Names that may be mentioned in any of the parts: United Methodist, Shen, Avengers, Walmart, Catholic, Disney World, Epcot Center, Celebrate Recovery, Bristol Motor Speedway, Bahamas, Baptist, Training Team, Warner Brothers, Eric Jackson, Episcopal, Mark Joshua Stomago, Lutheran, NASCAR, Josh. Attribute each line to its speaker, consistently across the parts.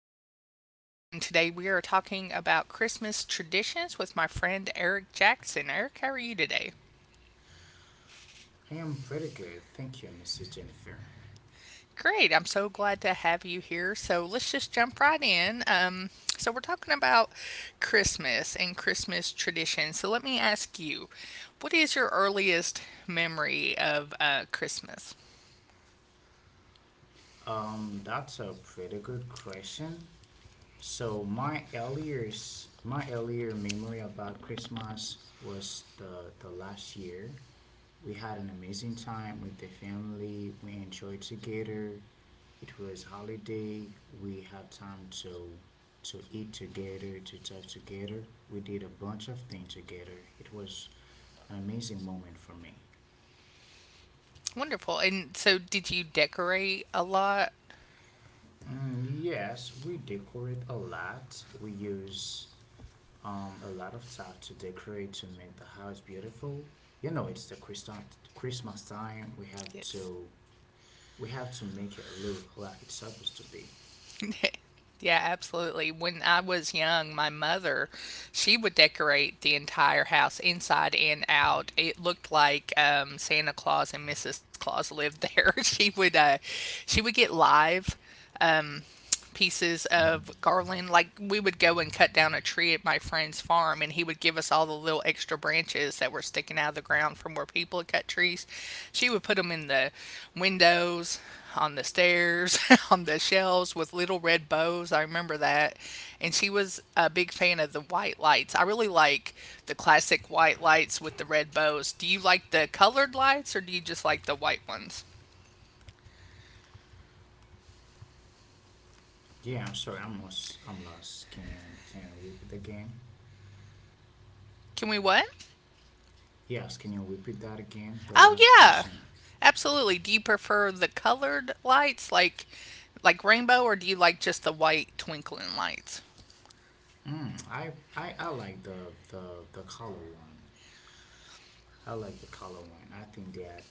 Speaker 1: Talk, and today we are talking about Christmas traditions with my friend Eric Jackson. Eric, how are you today?
Speaker 2: I am pretty good. Thank you, Mrs. Jennifer.
Speaker 1: Great. I'm so glad to have you here. So let's just jump right in. So we're talking about Christmas and Christmas traditions. So let me ask you, what is your earliest memory of Christmas?
Speaker 2: That's a pretty good question. So my earlier, my earlier memory about Christmas was the last year. We had an amazing time with the family. We enjoyed together. It was holiday. We had time to eat together, to talk together. We did a bunch of things together. It was an amazing moment for me.
Speaker 1: Wonderful. And so, did you decorate a lot?
Speaker 2: Yes, we decorate a lot. We use a lot of stuff to decorate to make the house beautiful. You know, it's the Christmas time.
Speaker 1: Yes.
Speaker 2: We have to make it look like it's supposed to be.
Speaker 1: Yeah, absolutely. When I was young, my mother, she would decorate the entire house inside and out. It looked like Santa Claus and Mrs. Claus lived there. She would get live pieces of garland. Like we would go and cut down a tree at my friend's farm, and he would give us all the little extra branches that were sticking out of the ground from where people had cut trees. She would put them in the windows, on the stairs, on the shelves with little red bows. I remember that. And she was a big fan of the white lights. I really like the classic white lights with the red bows. Do you like the colored lights or do you just like the white ones?
Speaker 2: Yeah, I'm sorry. I'm lost. I'm lost. Can you repeat again?
Speaker 1: Can we what?
Speaker 2: Yes, can you repeat that again? The
Speaker 1: Oh
Speaker 2: last
Speaker 1: yeah.
Speaker 2: question.
Speaker 1: Absolutely. Do you prefer the colored lights like rainbow or do you like just the white twinkling lights?
Speaker 2: I, I like the color one. I like the color one. I think that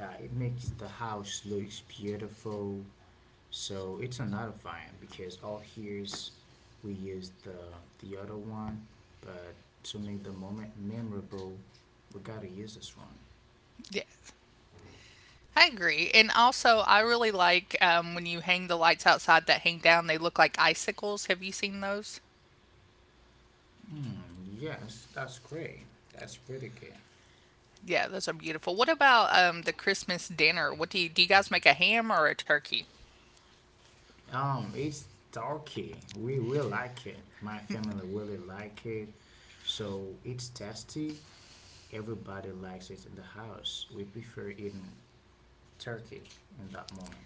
Speaker 2: it makes the house looks beautiful. So it's another fine because all here's we use the other one, but to make the moment memorable, we gotta use this one.
Speaker 1: Yeah. I agree. And also I really like when you hang the lights outside that hang down, they look like icicles. Have you seen those?
Speaker 2: Yes, that's great. That's pretty good.
Speaker 1: Yeah, those are beautiful. What about the Christmas dinner? What do you guys make a ham or a turkey?
Speaker 2: It's turkey. We will like it. My family really like it. So it's tasty. Everybody likes it in the house. We prefer eating turkey in that moment.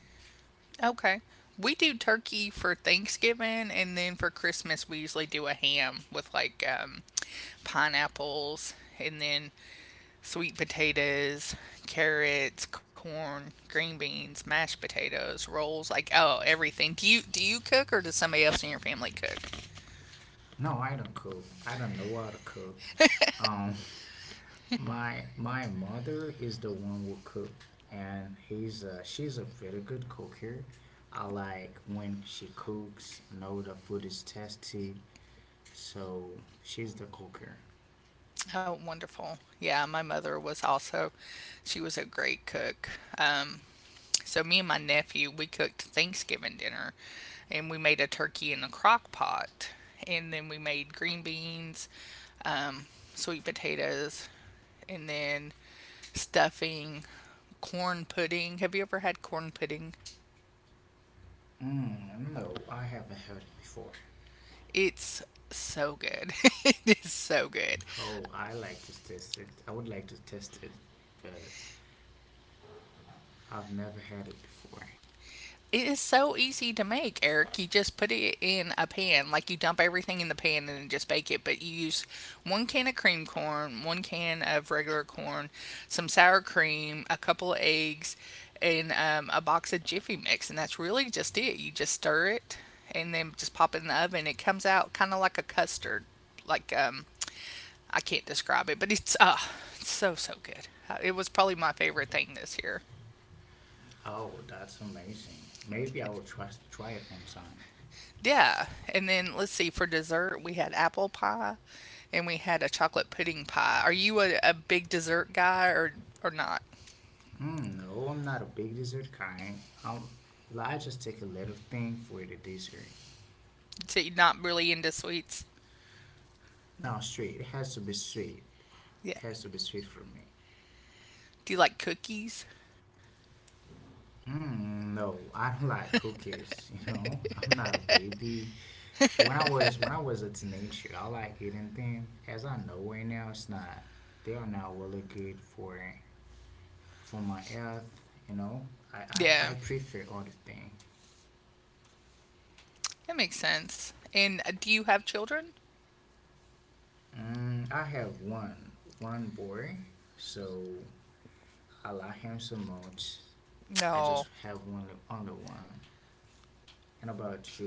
Speaker 1: Okay. We do turkey for Thanksgiving and then for Christmas we usually do a ham with like pineapples and then sweet potatoes, carrots, corn, green beans, mashed potatoes, rolls, like oh, everything. Do you cook or does somebody else in your family cook?
Speaker 2: No, I don't cook. I don't know how to cook. Um, my mother is the one who cook, and he's she's a very good cook here. I like when she cooks, know the food is tasty, so she's the cooker.
Speaker 1: Oh, wonderful. Yeah, my mother was also she was a great cook. Um So me and my nephew, we cooked Thanksgiving dinner and we made a turkey in a crock pot. And then we made green beans, um, sweet potatoes, and then stuffing, corn pudding. Have you ever had corn pudding?
Speaker 2: No, I haven't heard it before.
Speaker 1: It's so good. It is so good.
Speaker 2: Oh, I like to taste it. I would like to test it, but I've never had it before.
Speaker 1: It is so easy to make, Eric. You just put it in a pan, like you dump everything in the pan and then just bake it. But you use one can of cream corn, one can of regular corn, some sour cream, a couple of eggs, and a box of Jiffy Mix, and that's really just it. You just stir it and then just pop it in the oven. It comes out kind of like a custard, like I can't describe it, but it's it's so so good. It was probably my favorite thing this year.
Speaker 2: Oh, that's amazing. Maybe I will try it one time.
Speaker 1: Yeah. And then let's see, for dessert, we had apple pie and we had a chocolate pudding pie. Are you a big dessert guy or not?
Speaker 2: Hmm. No, I'm not a big dessert kind. Well, I just take a little thing for the dessert.
Speaker 1: So you're not really into sweets?
Speaker 2: No, sweet. It has to be sweet. It
Speaker 1: Yeah.
Speaker 2: has to be sweet for me.
Speaker 1: Do you like cookies?
Speaker 2: No, I don't like cookies. You know, I'm not a baby. When I was a teenager, I like eating them. As I know right now, it's not. They are not really good for my health. You know, I I
Speaker 1: Yeah.
Speaker 2: prefer other thing.
Speaker 1: That makes sense. And do you have children?
Speaker 2: I have one boy, so I like him so much. I just
Speaker 1: No.
Speaker 2: have one, only one. And about you?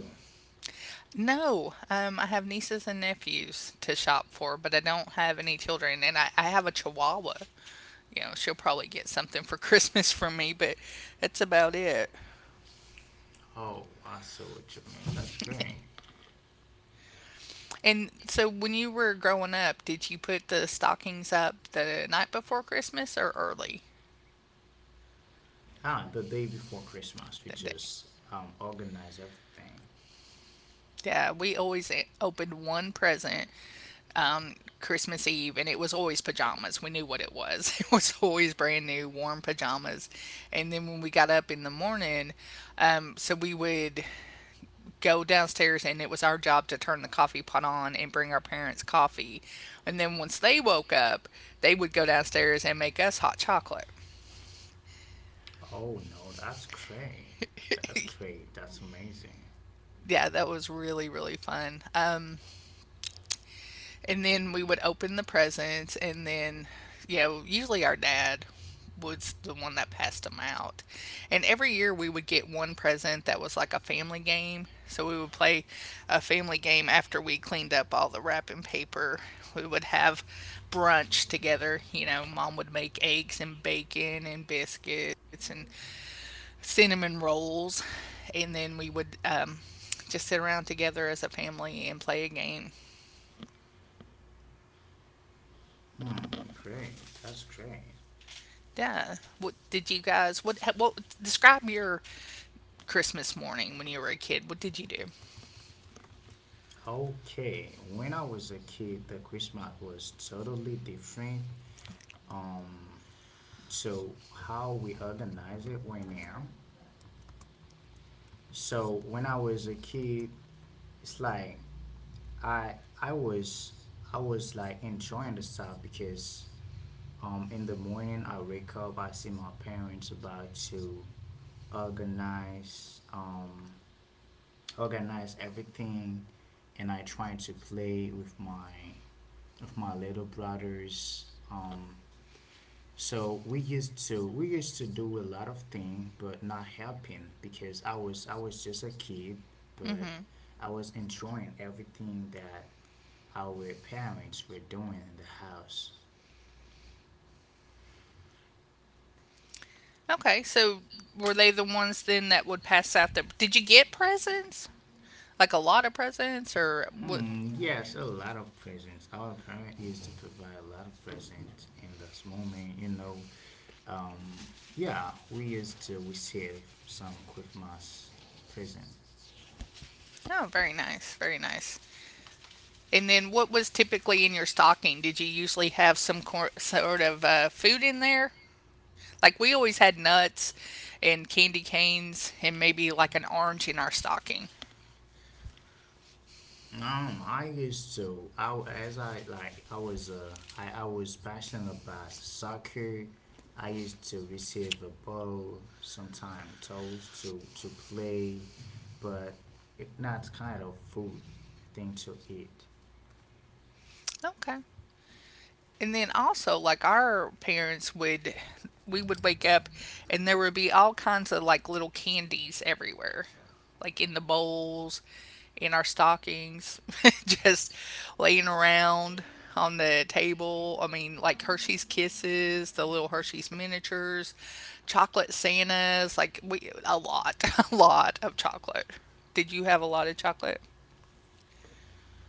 Speaker 1: No. I have nieces and nephews to shop for, but I don't have any children. And I have a chihuahua. You know, she'll probably get something for Christmas from me, but that's about it.
Speaker 2: Oh, I see what you mean. That's great.
Speaker 1: And so when you were growing up, did you put the stockings up the night before Christmas or early
Speaker 2: The day before Christmas, we
Speaker 1: that day?
Speaker 2: just organize everything.
Speaker 1: Yeah, we always opened one present on Christmas Eve, and it was always pajamas. We knew what it was. It was always brand new, warm pajamas. And then when we got up in the morning, so we would go downstairs, and it was our job to turn the coffee pot on and bring our parents coffee. And then once they woke up, they would go downstairs and make us hot chocolate.
Speaker 2: Oh no, that's great. That's great. That's amazing.
Speaker 1: Yeah, that was really, really fun. And then we would open the presents, and then, you know, usually our dad was the one that passed them out. And every year we would get one present that was like a family game. So we would play a family game after we cleaned up all the wrapping paper. We would have brunch together. You know, mom would make eggs and bacon and biscuits, and cinnamon rolls, and then we would just sit around together as a family and play a game.
Speaker 2: Great. That's great.
Speaker 1: Yeah. What did you guys? What? What? Describe your Christmas morning when you were a kid. What did you do?
Speaker 2: Okay, when I was a kid, the Christmas was totally different. Um, so how we organize it right now? So when I was a kid, it's like I I was I was like enjoying the stuff because in the morning I wake up. I see my parents about to organize, organize everything, and I trying to play with my little brothers. So we used to do a lot of things, but not helping because I was just a kid, but
Speaker 1: Hmm.
Speaker 2: I was enjoying everything that our parents were doing in the house.
Speaker 1: Okay. So were they the ones then that would pass out the? Did you get presents? Like a lot of presents, or what?
Speaker 2: Yes, a lot of presents. Our parent used to provide a lot of presents in this moment. You know, um, yeah, we used to receive some Christmas present.
Speaker 1: Oh, very nice. Very nice. And then what was typically in your stocking? Did you usually have some sort of food in there? Like we always had nuts and candy canes and maybe like an orange in our stocking.
Speaker 2: I used to. I as I like. I was passionate about soccer. I used to receive a ball, sometime toes to play, but it's not kind of food thing to eat.
Speaker 1: Okay. And then also, like our parents would, we would wake up and there would be all kinds of like little candies everywhere, like in the bowls, in our stockings, just laying around on the table. I mean, like Hershey's Kisses, the little Hershey's miniatures, chocolate Santas, like we, a lot, a lot of chocolate. Did you have a lot of chocolate?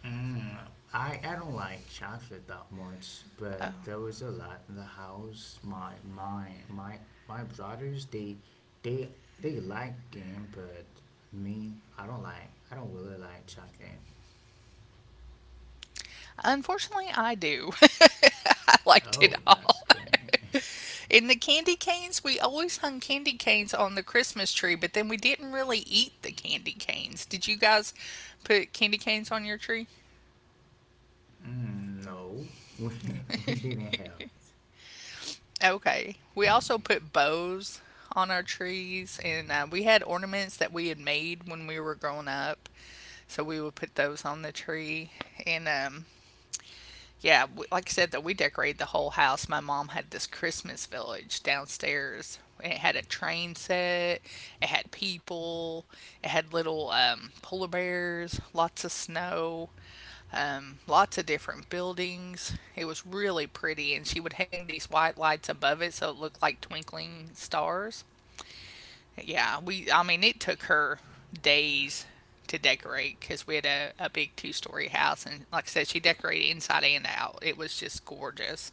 Speaker 2: Mm. I don't like chocolate that much, but
Speaker 1: Oh,
Speaker 2: there was a lot in the house. My brothers, they they like them, but me, I don't like, I don't really like chocolate.
Speaker 1: unfortunately, I do. I liked it
Speaker 2: Oh, that's
Speaker 1: all.
Speaker 2: great.
Speaker 1: In the candy canes, we always hung candy canes on the Christmas tree, but then we didn't really eat the candy canes. Did you guys put candy canes on your tree?
Speaker 2: No, we
Speaker 1: No.
Speaker 2: we didn't have,
Speaker 1: Okay. We also put bows on our trees, and we had ornaments that we had made when we were growing up, so we would put those on the tree. And yeah, like I said, though, we decorated the whole house. My mom had this Christmas village downstairs. It had a train set, it had people, it had little polar bears, lots of snow, lots of different buildings. It was really pretty, and she would hang these white lights above it so it looked like twinkling stars. Yeah, we. I mean, it took her days to decorate because we had a big two-story house, and like I said, she decorated inside and out. It was just gorgeous.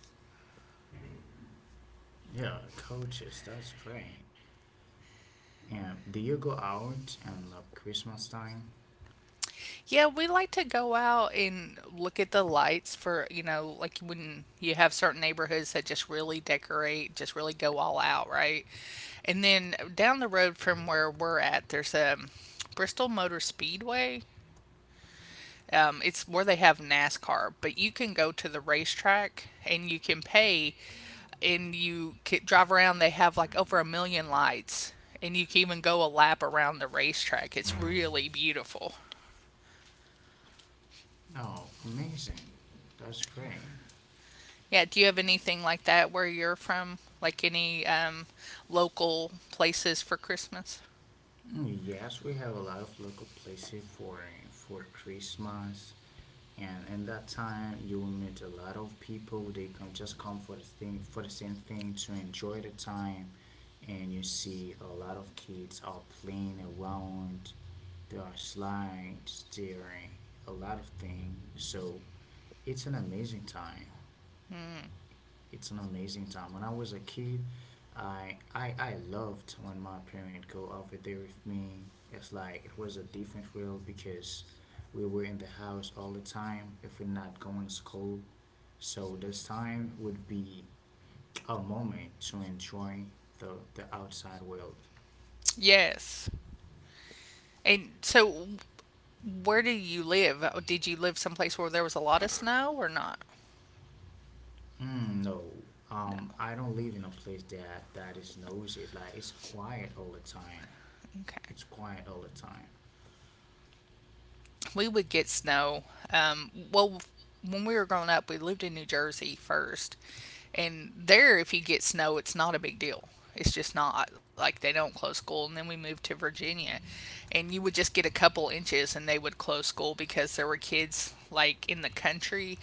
Speaker 2: yeah coaches. That's great. And do you go out and Christmas time?
Speaker 1: Yeah, we like to go out and look at the lights for you know, like when you have certain neighborhoods that just really decorate, just really go all out, right? And then down the road from where we're at, there's a Bristol Motor Speedway. It's where they have NASCAR, but you can go to the racetrack and you can pay and you drive around. They have like over a million lights, and you can even go a lap around the racetrack. It's really beautiful.
Speaker 2: Oh, amazing. That's great.
Speaker 1: Yeah, do you have anything like that where you're from? Like any local places for Christmas?
Speaker 2: Yes, we have a lot of local places for Christmas, and in that time you will meet a lot of people. They come, just come for the thing, for the same thing, to enjoy the time, and you see a lot of kids are playing around. There are slides, there are a lot of things. So it's an amazing time.
Speaker 1: Mm.
Speaker 2: It's an amazing time. When I was a kid, I I loved when my parents go over there with me. It's like it was a different world because we were in the house all the time if we're not going to school. So this time would be a moment to enjoy the outside world.
Speaker 1: Yes. And so, where do you live? Oh, did you live someplace where there was a lot of snow or not?
Speaker 2: No,
Speaker 1: No.
Speaker 2: I don't live in a place that is noisy. Like it's quiet all the time.
Speaker 1: Okay.
Speaker 2: It's quiet all the time.
Speaker 1: We would get snow. Well, when we were growing up, we lived in New Jersey first, and there, if you get snow, it's not a big deal. It's just not like they don't close school. And then we moved to Virginia, and you would just get a couple inches, and they would close school because there were kids like in the country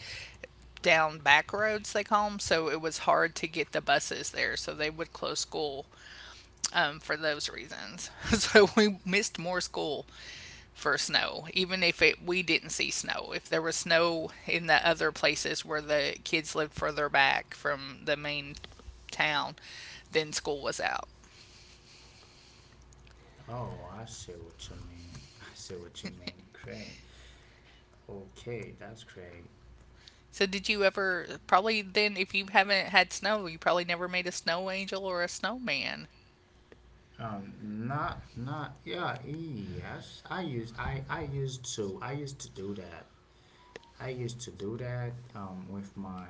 Speaker 1: down back roads they call them. So it was hard to get the buses there, so they would close school for those reasons. So we missed more school for snow, even if it, we didn't see snow. If there was snow in the other places where the kids lived further back from the main town, then school was out.
Speaker 2: Oh, I see what you mean. I see what you mean. Great. Okay, that's great.
Speaker 1: So, did you ever, probably then, if you haven't had snow, you probably never made a snow angel or a snowman.
Speaker 2: Not, not, Yeah, yes. I used to, I used to do that. I used to do that.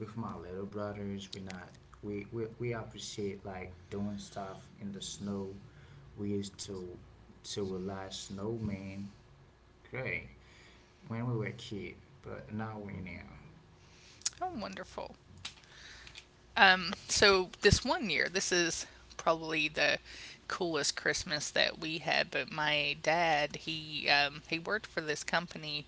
Speaker 2: With my little brothers. We not, We appreciate like doing stuff in the snow. We used to rely snowman. Great. When we were kid, but not we now.
Speaker 1: Oh, wonderful. So, this one year, this is probably the coolest Christmas that we had. But my dad, he worked for this company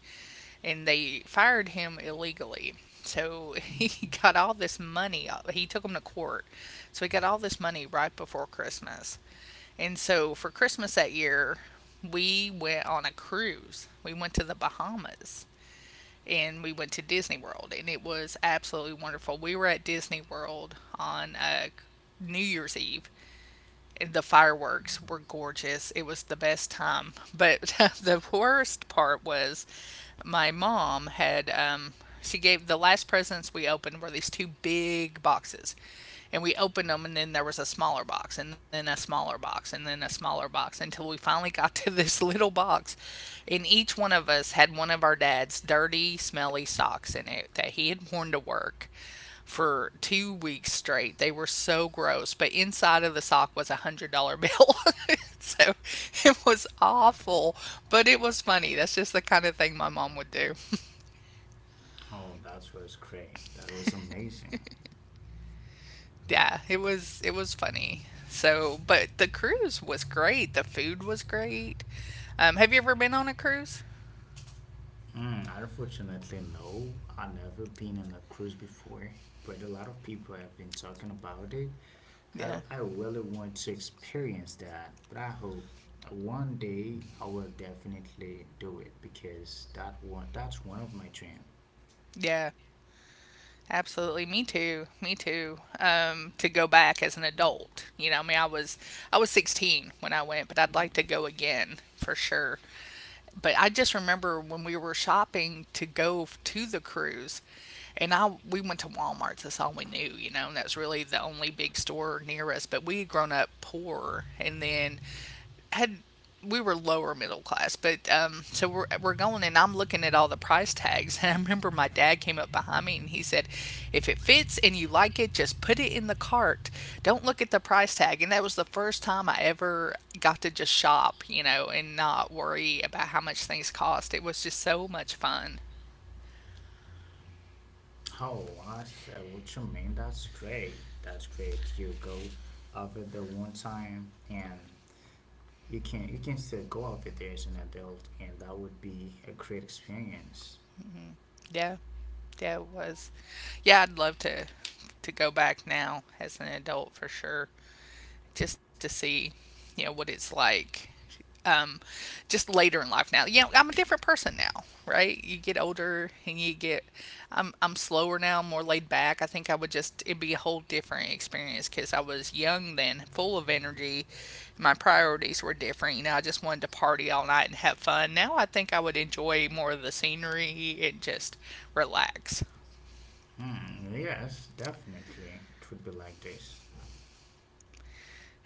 Speaker 1: and they fired him illegally. So he got all this money. He took him to court. So he got all this money right before Christmas. And so for Christmas that year, we went on a cruise. We went to the Bahamas and we went to Disney World, and it was absolutely wonderful. We were at Disney World on New Year's Eve, the fireworks were gorgeous. It was the best time. But the worst part was my mom had she gave the last presents we opened were these two big boxes. And we opened them and then there was a smaller box and then a smaller box and then a smaller box until we finally got to this little box. And each one of us had one of our dad's dirty, smelly socks in it that he had worn to work for 2 weeks straight. They were so gross, but inside of the sock was $100 bill. So it was awful, but it was funny. That's just the kind of thing my mom would do.
Speaker 2: Oh, that was great. That was amazing.
Speaker 1: Yeah, it was funny. But the cruise was great. The food was great. Have you ever been on a cruise?
Speaker 2: Unfortunately, no, I've never been on a cruise before, but a lot of people have been talking about it.
Speaker 1: Yeah,
Speaker 2: I really want to experience that, but I hope one day I will definitely do it because that's one of my dreams.
Speaker 1: yeah. Absolutely, me too. Me too. To go back as an adult, you know, I was 16 when I went, but I'd like to go again for sure. But I just remember when we were shopping to go to the cruise, and I we went to Walmart. That's all we knew, you know. And that's really the only big store near us. But we had grown up poor, and then had we were lower middle class, but so we're going and I'm looking at all the price tags, and I remember my dad came up behind me and he said, "If it fits and you like it, just put it in the cart. Don't look at the price tag." And that was the first time I ever got to just shop, you know, and not worry about how much things cost. It was just so much fun.
Speaker 2: Oh, I said, what you mean? That's great. That's great. You go over the one time and you can still go out with there as an adult, and that would be a great experience.
Speaker 1: Yeah, yeah, it was. Yeah, I'd love to go back now as an adult for sure, just to see, you know, what it's like, um, just later in life now. You know, I'm a different person now, right? You get older and you get, I'm slower now, more laid back. I think I would just, it'd be a whole different experience because I was young then, full of energy. My priorities were different. You know, I just wanted to party all night and have fun. Now I think I would enjoy more of the scenery and just relax.
Speaker 2: Yes, definitely, it would be like this.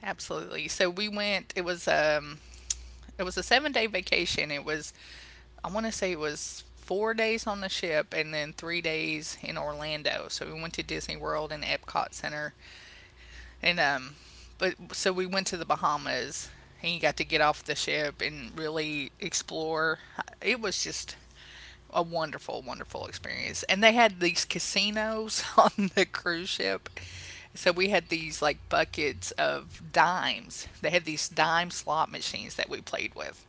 Speaker 1: Absolutely. So we went. It was a 7 day vacation. It was I want to say it was 4 days on the ship and then 3 days in Orlando. So we went to Disney World and Epcot Center, and but so we went to the Bahamas and you got to get off the ship and really explore. It was just a wonderful, wonderful experience. And they had these casinos on the cruise ship. So we had these like buckets of dimes. They had these dime slot machines that we played with.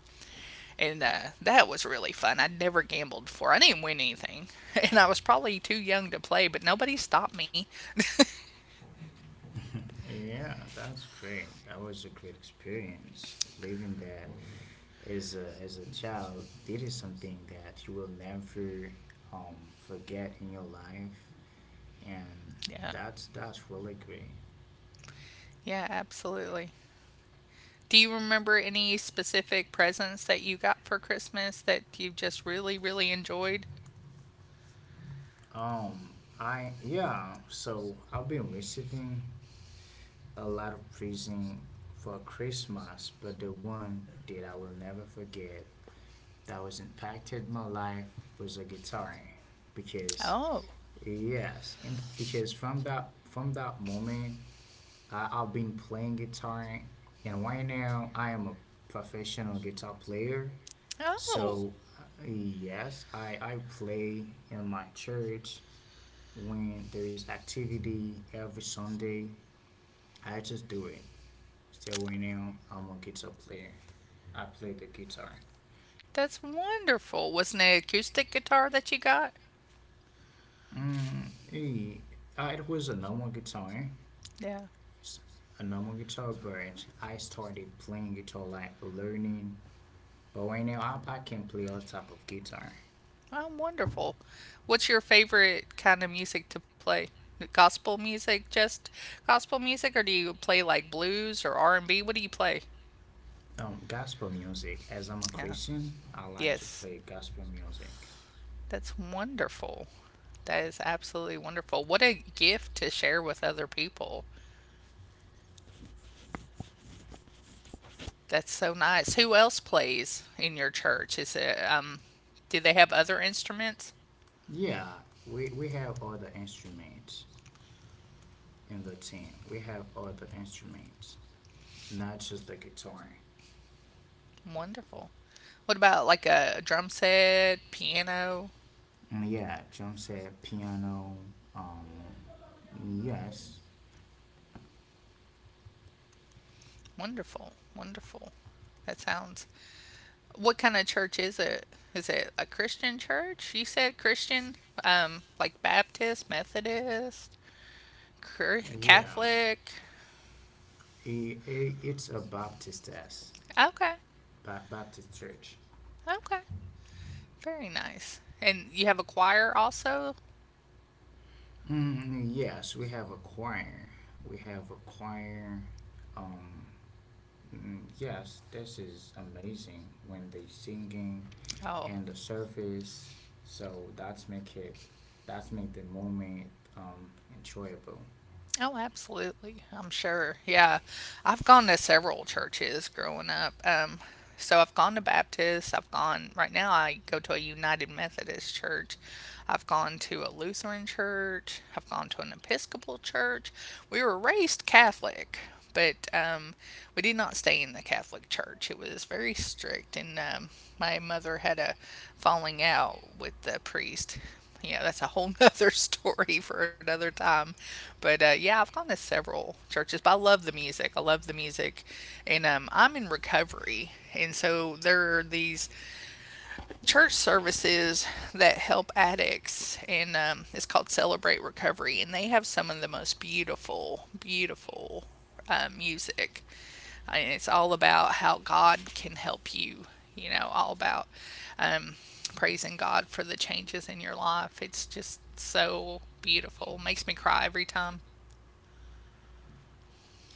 Speaker 1: And that was really fun. I'd never gambled before. I didn't win anything. And I was probably too young to play, but nobody stopped me.
Speaker 2: Yeah, that's great. That was a great experience. Living that as a child, this something that you will never um, forget in your life, and
Speaker 1: Yeah.
Speaker 2: that's really great.
Speaker 1: Yeah, absolutely. Do you remember any specific presents that you got for Christmas that you just really, really enjoyed?
Speaker 2: Um, I Yeah, so I've been receiving a lot of presents for Christmas, but the one that I will never forget, that was impacted my life, was a guitar, because
Speaker 1: Oh.
Speaker 2: yes, and because from that moment, I've been playing guitar, and right now I am a professional guitar player.
Speaker 1: Oh.
Speaker 2: So uh, yes, I play in my church when there's activity every Sunday. I just do it. Still winning. I'm a guitar player. I play the guitar.
Speaker 1: That's wonderful. Was not an acoustic guitar that you got?
Speaker 2: Mm, Hey, it was a normal guitar.
Speaker 1: Yeah.
Speaker 2: It's a normal guitar, but I started playing guitar like learning. But right now, I can play all type of guitar.
Speaker 1: Oh, wonderful. What's your favorite kind of music to play? Gospel music, just gospel music, or do you play like blues or R&B? What do you play?
Speaker 2: Gospel music. As I'm a
Speaker 1: Yeah.
Speaker 2: Christian, I like to
Speaker 1: Yes.
Speaker 2: play gospel music.
Speaker 1: That's wonderful. That is absolutely wonderful. What a gift to share with other people. That's so nice. Who else plays in your church? Is it do they have other instruments?
Speaker 2: Yeah, we have all the instruments in the team. We have all the instruments, not just the guitar.
Speaker 1: Wonderful. What about like a drum set, piano?
Speaker 2: Yeah, John said piano. Um, yes,
Speaker 1: Wonderful. Wonderful. That sounds What kind of church is it? Is it a Christian church? You said Christian, like Baptist, Methodist, Chr-
Speaker 2: yeah.
Speaker 1: Catholic.
Speaker 2: I it's a Baptist as-
Speaker 1: Okay,
Speaker 2: ba- Baptist church.
Speaker 1: okay, very nice. And you have a choir also.
Speaker 2: Yes, we have a choir. We have a choir. Um, yes, this is amazing when they singing
Speaker 1: Oh.
Speaker 2: and the service. So that's make it. That's make the moment um, enjoyable.
Speaker 1: Oh, absolutely. I'm sure. Yeah. I've gone to several churches growing up. So I've gone to Baptist. Right now, I go to a United Methodist church. I've gone to a Lutheran church. I've gone to an Episcopal church. We were raised Catholic, but we did not stay in the Catholic church. It was very strict, and my mother had a falling out with the priest. Yeah, that's a whole nother story for another time. But yeah, I've gone to several churches, but I love the music. I love the music. And I'm in recovery. And so there are these church services that help addicts. And it's called Celebrate Recovery. And they have some of the most beautiful, beautiful music. And it's all about how God can help you, you know, all about um, praising God for the changes in your life. It's just so beautiful. Makes me cry every time.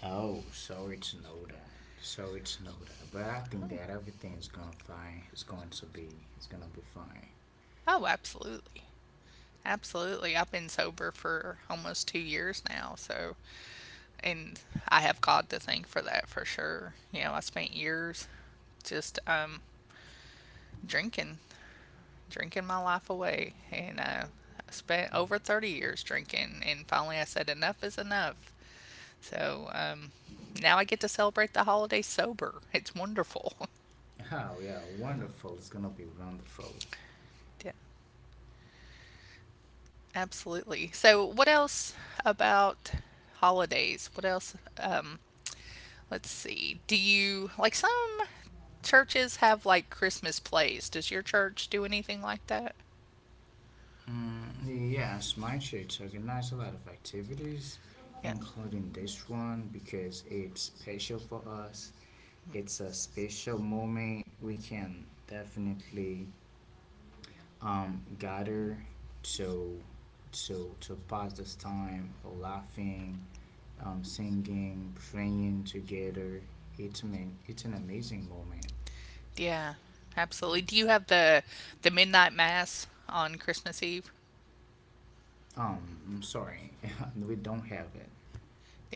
Speaker 2: Oh, sorry to know that. Sorry to know that. But I think that everything's gonna fine. It's going to be. It's gonna be fine.
Speaker 1: Oh, absolutely. Absolutely. I've been sober for almost 2 years now. So, and I have God to thank for that for sure. You know, I spent years just drinking, drinking my life away. And I spent over 30 years drinking. And finally I said, enough is enough. So um, now I get to celebrate the holiday sober. It's wonderful.
Speaker 2: Oh yeah, wonderful. It's gonna be wonderful.
Speaker 1: Yeah, absolutely. So, what else about holidays? What else? Let's see. Do you like some churches have like Christmas plays? Does your church do anything like that?
Speaker 2: Yes, my church organized a lot of activities,
Speaker 1: Yeah.
Speaker 2: including this one because it's special for us. It's a special moment. We can definitely gather to to pass this time laughing, singing, praying together. It's man, it's an amazing moment.
Speaker 1: Yeah. Absolutely. Do you have the midnight mass on Christmas Eve?
Speaker 2: Um, I'm sorry, we don't have it.
Speaker 1: Yeah.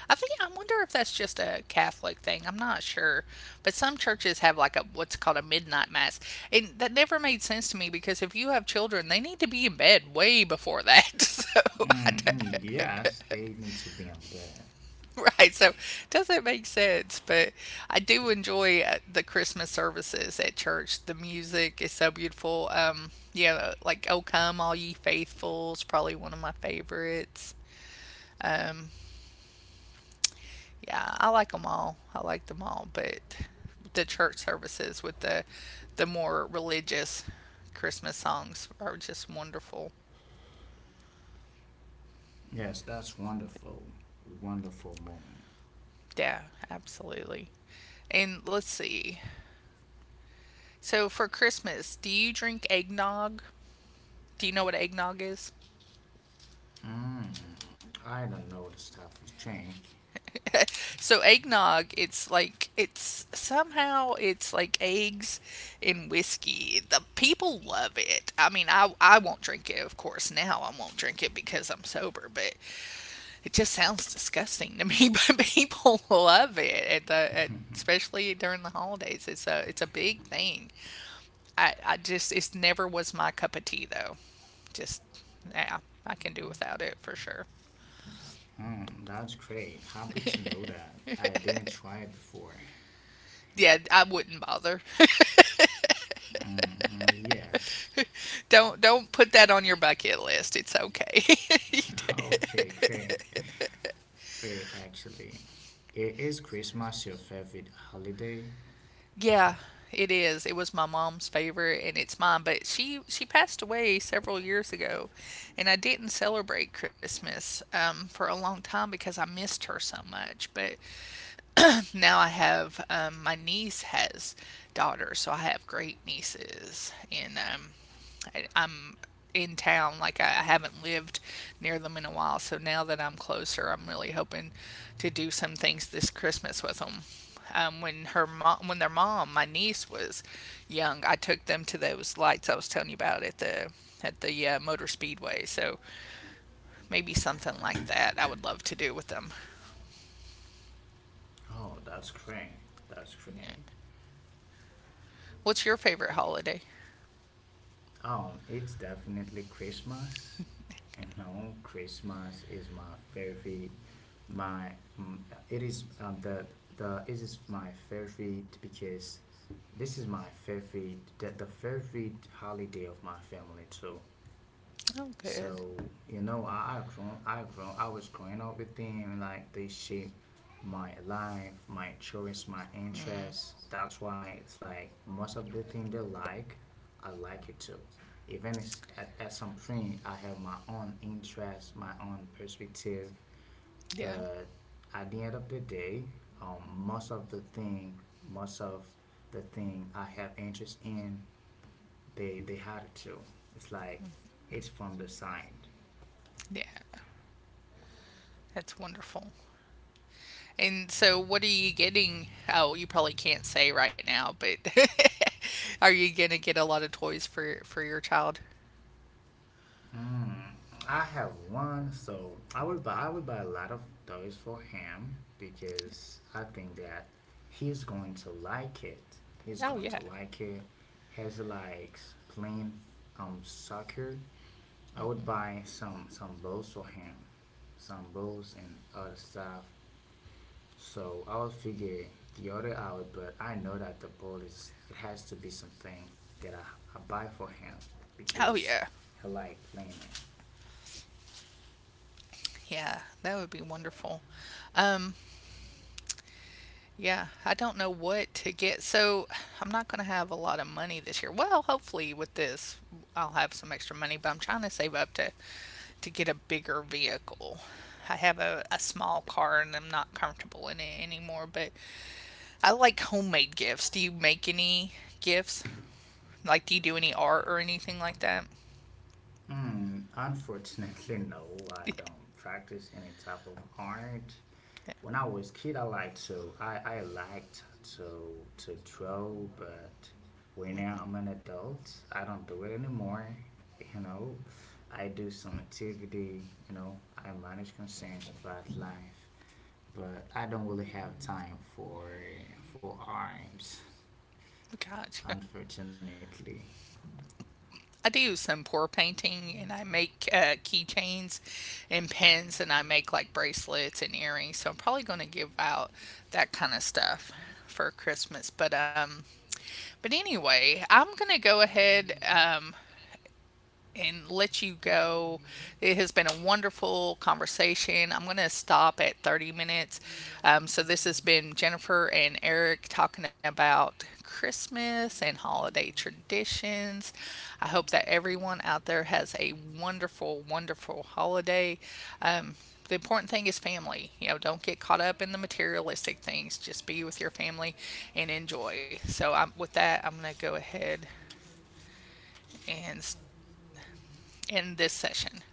Speaker 1: I wonder if that's just a Catholic thing. I'm not sure. But some churches have like a what's called a midnight mass. And that never made sense to me because if you have children, they need to be in bed way before that. So I
Speaker 2: Mm-mm,
Speaker 1: d-
Speaker 2: yes, they need to be in bed.
Speaker 1: Right, so doesn't make sense, but I do enjoy the Christmas services at church. The music is so beautiful. Yeah, like "O Come All Ye Faithful" is probably one of my favorites. Um, yeah, I like them all. I like them all, but the church services with the more religious Christmas songs are just wonderful.
Speaker 2: Yes, that's wonderful, wonderful moment.
Speaker 1: Yeah, absolutely. And let's see. So for Christmas, do you drink eggnog? Do you know what eggnog is?
Speaker 2: Mm, I don't know the stuff with drink.
Speaker 1: So eggnog, it's like eggs and whiskey. The people love it. I won't drink it, of course. Now I won't drink it because I'm sober, but it just sounds disgusting to me. But people love it especially during the holidays. It's a big thing. I just it's never was my cup of tea though. Just yeah, I can do without it for sure.
Speaker 2: That's great. Happy to know that. I didn't try it before.
Speaker 1: Yeah, I wouldn't bother.
Speaker 2: Mm, yes.
Speaker 1: Don't put that on your bucket list. It's okay.
Speaker 2: Okay, great. Great, actually. I- Is Christmas your favorite holiday?
Speaker 1: Yeah, it is. It was my mom's favorite and it's mine, but she passed away several years ago and I didn't celebrate Christmas, for a long time because I missed her so much. But now I have, my niece has daughters, so I have great nieces, and I'm in town. Like I haven't lived near them in a while. So now that I'm closer, I'm really hoping to do some things this Christmas with them. When their mom, my niece was young, I took them to those lights I was telling you about at the motor speedway. So maybe something like that. I would love to do with them.
Speaker 2: Oh, that's great. That's
Speaker 1: Yeah.
Speaker 2: great.
Speaker 1: What's your favorite holiday?
Speaker 2: It's definitely Christmas. You know, Christmas is my favorite. My mm, it is the it is my favorite because this is my favorite, the favorite holiday of my family too.
Speaker 1: Oh, good.
Speaker 2: So you know, I grown, I was growing up with them. Like they shape my life, my choice, my
Speaker 1: Mm,
Speaker 2: interests. That's why it's like most of the thing they like, I like it too. Even it's at some point, I have my own interest, my own perspective.
Speaker 1: yeah,
Speaker 2: But at the end of the day, um, most of the thing, most of the thing I have interest in, they had it too. It's like it's from the side.
Speaker 1: yeah, that's wonderful. And so what are you getting? Oh, you probably can't say right now, but are you gonna get a lot of toys for your child?
Speaker 2: Mm, I have one, so I would buy a lot of toys for him because I think that he's going to like it. He's
Speaker 1: Oh
Speaker 2: going to
Speaker 1: yeah.
Speaker 2: like it. He likes playing soccer. I would buy some balls for him, some balls and other stuff. So I would figure the other out, but I know that the ball is it has to be something that I buy for him
Speaker 1: Oh
Speaker 2: because
Speaker 1: yeah.
Speaker 2: he like playing it.
Speaker 1: Yeah, that would be wonderful. Um, yeah, I don't know what to get. So I'm not gonna have a lot of money this year. Well, hopefully with this I'll have some extra money, but I'm trying to save up to get a bigger vehicle. I have a small car and I'm not comfortable in it anymore, but I like homemade gifts. Do you make any gifts? Like, do you do any art or anything like that?
Speaker 2: Unfortunately, no. I don't practice any type of art.
Speaker 1: Yeah.
Speaker 2: When I was kid, I liked to draw, but when now I'm an adult, I don't do it anymore. You know, I do some activity. You know, I manage concerns about life, but I don't really have time for art.
Speaker 1: Gosh.
Speaker 2: Unfortunately.
Speaker 1: I do some pour painting and I make, keychains and pins and I make like bracelets and earrings. So I'm probably going to give out that kind of stuff for Christmas. But anyway, I'm going to go ahead and let you go. It has been a wonderful conversation. I'm going to stop at 30 minutes. So, this has been Jennifer and Eric talking about Christmas and holiday traditions. I hope that everyone out there has a wonderful, wonderful holiday. Um, the important thing is family. You know, don't get caught up in the materialistic things. Just be with your family and enjoy. So, with that, I'm going to go ahead and end this session.